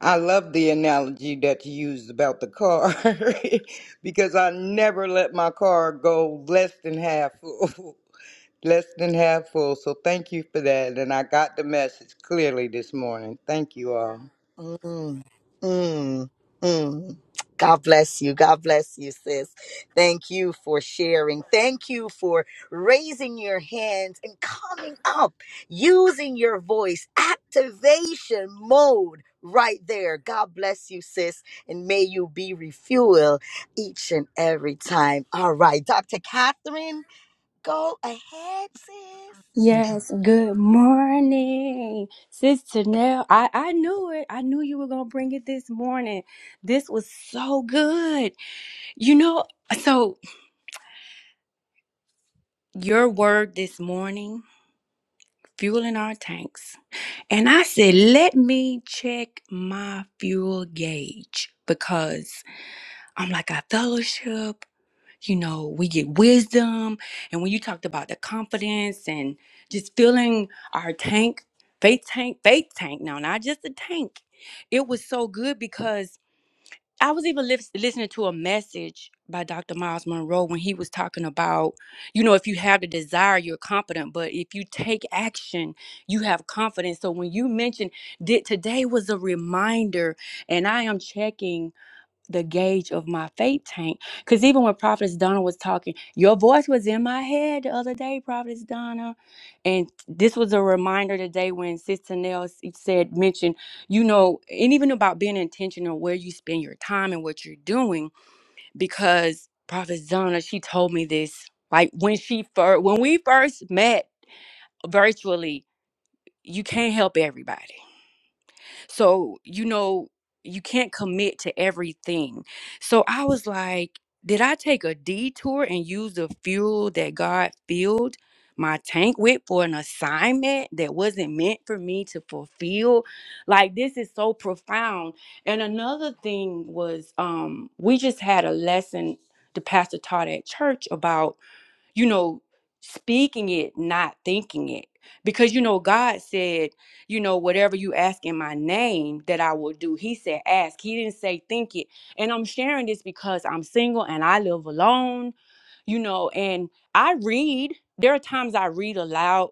J: I love the analogy that you used about the car *laughs* because I never let my car go less than half full. *laughs* Less than half full. So thank you for that. And I got the message clearly this morning. Thank you all.
A: Mm, mm, mm. God bless you. God bless you, sis. Thank you for sharing. Thank you for raising your hands and coming up, using your voice, activation mode right there. God bless you, sis. And may you be refueled each and every time. All right, Dr. Catherine, go ahead, sis.
I: Yes. Good morning, Sister Nell. I I knew it. I knew you were gonna bring it this morning. This was so good. You know. So your word this morning, fueling our tanks, and I said, let me check my fuel gauge because I'm like I fellowship. you know, we get wisdom. And when you talked about the confidence and just filling our tank, faith tank, faith tank, now, not just a tank, it was so good because I was even lis- listening to a message by Dr. Miles Monroe when he was talking about, you know, if you have the desire, you're confident, but if you take action, you have confidence. So when you mentioned that today was a reminder, and I am checking the gauge of my faith tank. Because even when Prophetess Donna was talking, your voice was in my head the other day, Prophetess Donna. And this was a reminder today when Sister Nell s- said, mentioned, you know, and even about being intentional where you spend your time and what you're doing. Because Prophetess Donna, she told me this, like when she first, when we first met virtually, you can't help everybody. So, you know, you can't commit to everything. So I was like, did I take a detour and use the fuel that God filled my tank with for an assignment that wasn't meant for me to fulfill? Like this is so profound. And another thing was um we just had a lesson the pastor taught at church about you know, speaking it, not thinking it. Because, you know, God said, you know, whatever you ask in my name that I will do. He said, ask. He didn't say, think it. And I'm sharing this because I'm single and I live alone, you know, and I read. There are times I read aloud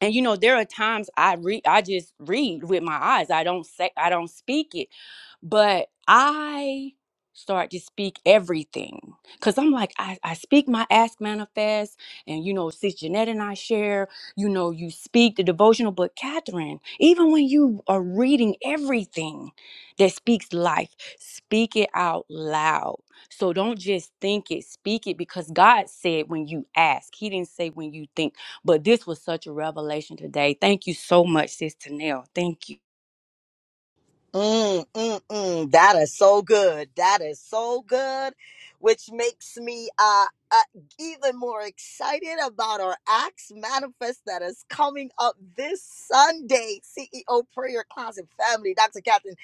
I: and you know there are times i read i just read with my eyes i don't say i don't speak it but i start to speak everything because i'm like I, I speak my ask manifest and you know sis jeanette and i share you know you speak the devotional but catherine even when you are reading everything that speaks life speak it out loud so don't just think it speak it because god said when you ask he didn't say when you think but this was such a revelation today. Thank you so much, Sis Tanel. Thank you.
A: Mm, mm, mm. That is so good. That is so good, which makes me uh, uh even more excited about our Acts manifest that is coming up this Sunday. CEO Prayer Class and Family. Dr. Catherine,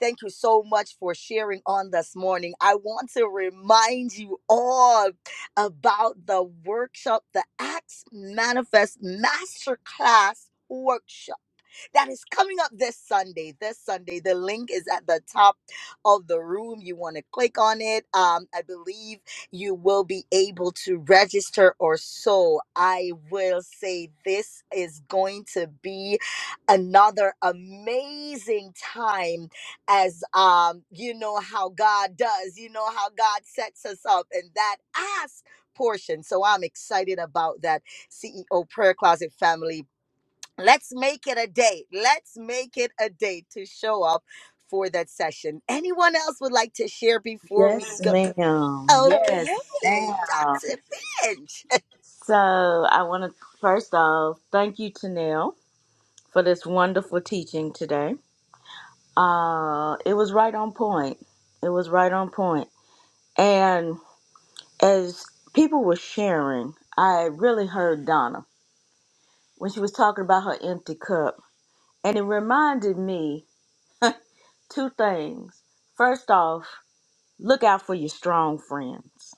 A: thank you so much for sharing on this morning. I want to remind you all about the workshop, the Acts Manifest Masterclass workshop that is coming up this Sunday. This Sunday, the link is at the top of the room. You want to click on it. Um, I believe you will be able to register or so. I will say this is going to be another amazing time as um you know how God does, you know how God sets us up and that ask portion. So I'm excited about that CEO prayer closet family Let's make it a date. Let's make it a date to show up for that session. Anyone else would like to share before we
C: Yes,
A: go?
C: ma'am. Yes,
A: Okay,
C: ma'am.
A: Dr. Finch.
C: So I want to first off thank you, Chanel. for this wonderful teaching today. Uh, it was right on point. It was right on point. And as people were sharing, I really heard Donna when she was talking about her empty cup. And it reminded me two things. First off, look out for your strong friends.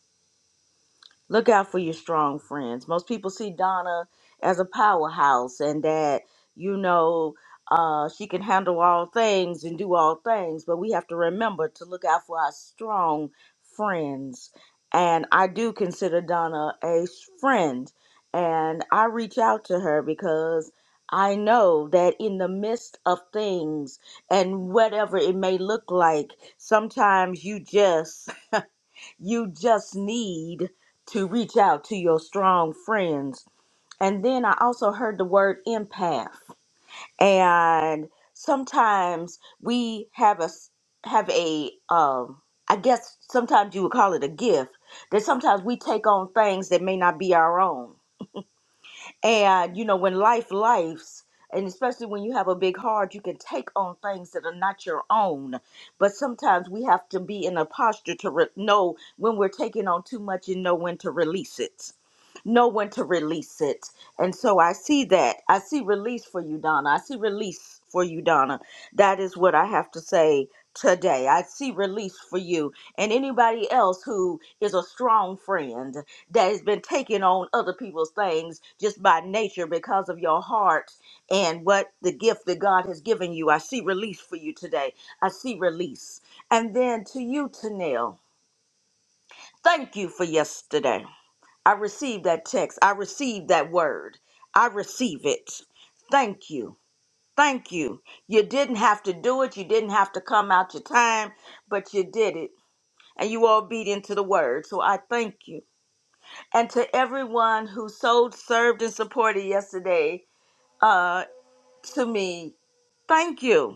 C: Look out for your strong friends. Most people see Donna as a powerhouse and that, you know, uh, she can handle all things and do all things, but we have to remember to look out for our strong friends. And I do consider Donna a s- friend. And I reach out to her because I know that in the midst of things and whatever it may look like, sometimes you just you just need to reach out to your strong friends. And then I also heard the word empath. And sometimes we have a s- have a um I guess sometimes you would call it a gift that sometimes we take on things that may not be our own and you know, when life lives, and especially when you have a big heart, you can take on things that are not your own. But sometimes we have to be in a posture to re- know when we're taking on too much and know when to release it know when to release it. And so I see that. I see release for you, Donna. I see release for you, Donna. That is what I have to say today. I see release for you and anybody else who is a strong friend that has been taking on other people's things just by nature because of your heart and what the gift that God has given you. I see release for you today. I see release. And then to you, Tanel, thank you for yesterday. I receive that text. I receive that word. I receive it. Thank you. Thank you. You didn't have to do it. You didn't have to come out your time, but you did it. And you were obedient to the word. So I thank you. And to everyone who sold, served, and supported yesterday uh, to me, thank you.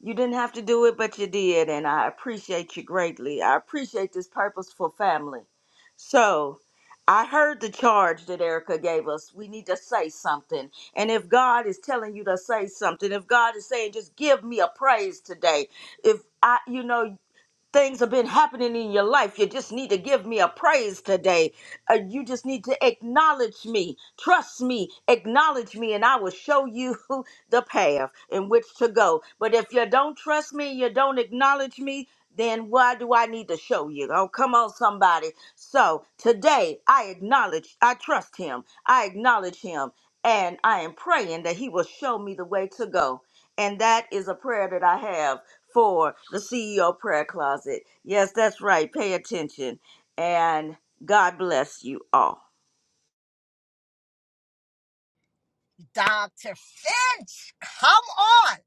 C: You didn't have to do it, but you did, and I appreciate you greatly. I appreciate this purposeful family. So, I heard the charge that Erica gave us. We need to say something. And if God is telling you to say something, if God is saying, just give me a praise today, if I, you know, things have been happening in your life. You just need to give me a praise today. Uh, you just need to acknowledge me. Trust me. Acknowledge me, and I will show you *laughs* the path in which to go. But if you don't trust me, you don't acknowledge me, then why do I need to show you? Oh, come on, somebody. So today, I acknowledge, I trust him, I acknowledge him, and I am praying that he will show me the way to go. And that is a prayer that I have for the CEO prayer closet. Yes, that's right. Pay attention. And God bless you all.
A: *laughs* Dr. Finch, come on.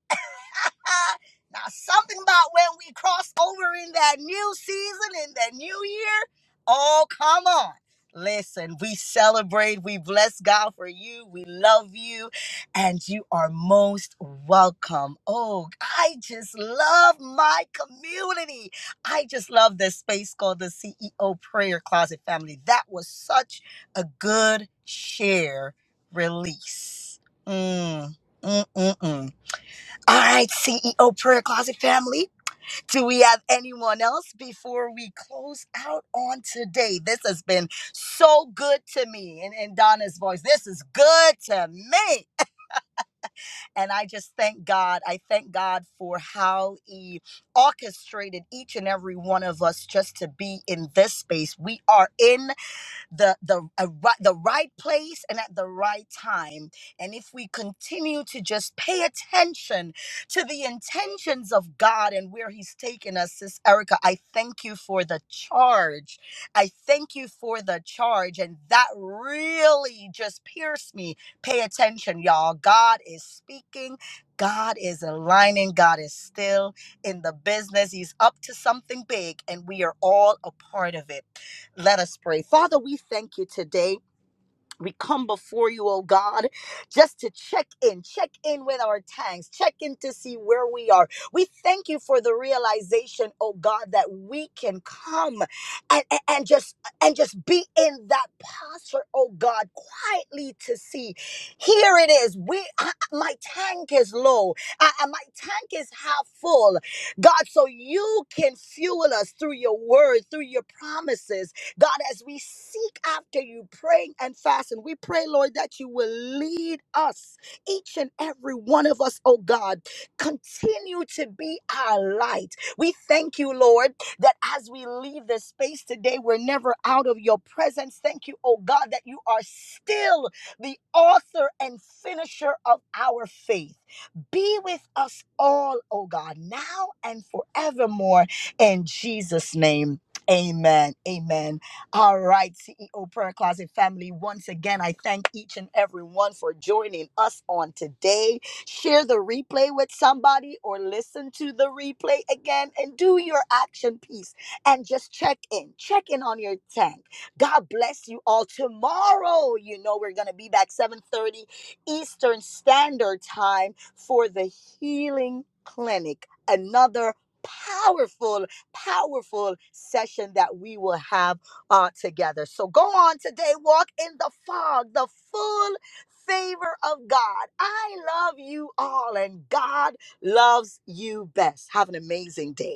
A: *laughs* now, something about when we cross over in that new season, in that new year, oh, come on. Listen, we celebrate, we bless God for you, we love you, and you are most welcome. Oh, I just love my community. I just love this space called the CEO Prayer Closet Family. That was such a good share release. Mm, mm, mm, mm. All right, CEO Prayer Closet family, do we have anyone else before we close out on today? This has been so good to me. And in Donna's voice, this is good to me. And I just thank God. I thank God for how He orchestrated each and every one of us just to be in this space. We are in the the a, ri- the right place and at the right time. And if we continue to just pay attention to the intentions of God and where He's taken us, Sis Erica, I thank you for the charge. I thank you for the charge, and that really just pierced me. Pay attention, y'all. God is speaking. God is aligning. God is still in the business. He's up to something big, and we are all a part of it. Let us pray. Father, we thank you today. We come before you, oh God, just to check in, check in with our tanks, check in to see where we are. We thank you for the realization, oh God, that we can come and, and, and just and just be in that posture, oh God, quietly to see. Here it is. We I- my tank is low. I, I- my tank is half full. God, so you can fuel us through your word, through your promises. God, as we seek after you, praying and fasting, we pray, Lord, that you will lead us, each and every one of us, oh God. Continue to be our light. We thank you, Lord, that as we leave this space today, we're never out of your presence. Thank you, oh God, that you are still the author and finisher of our faith. Be with us all, oh God, now and forevermore. In Jesus' name, amen. Amen. All right, CEO Prayer Closet family. Once again, I thank each and every one for joining us on today. Share the replay with somebody or listen to the replay again and do your action piece and just check in. Check in on your tank. God bless you all. Tomorrow, you know, we're going to be back 7:30 Eastern Standard Time for the Healing Clinic. Another powerful powerful session that we will have uh, together. So go on today, walk in the fog, the full favor of God. I love you all, and God loves you best. Have an amazing day.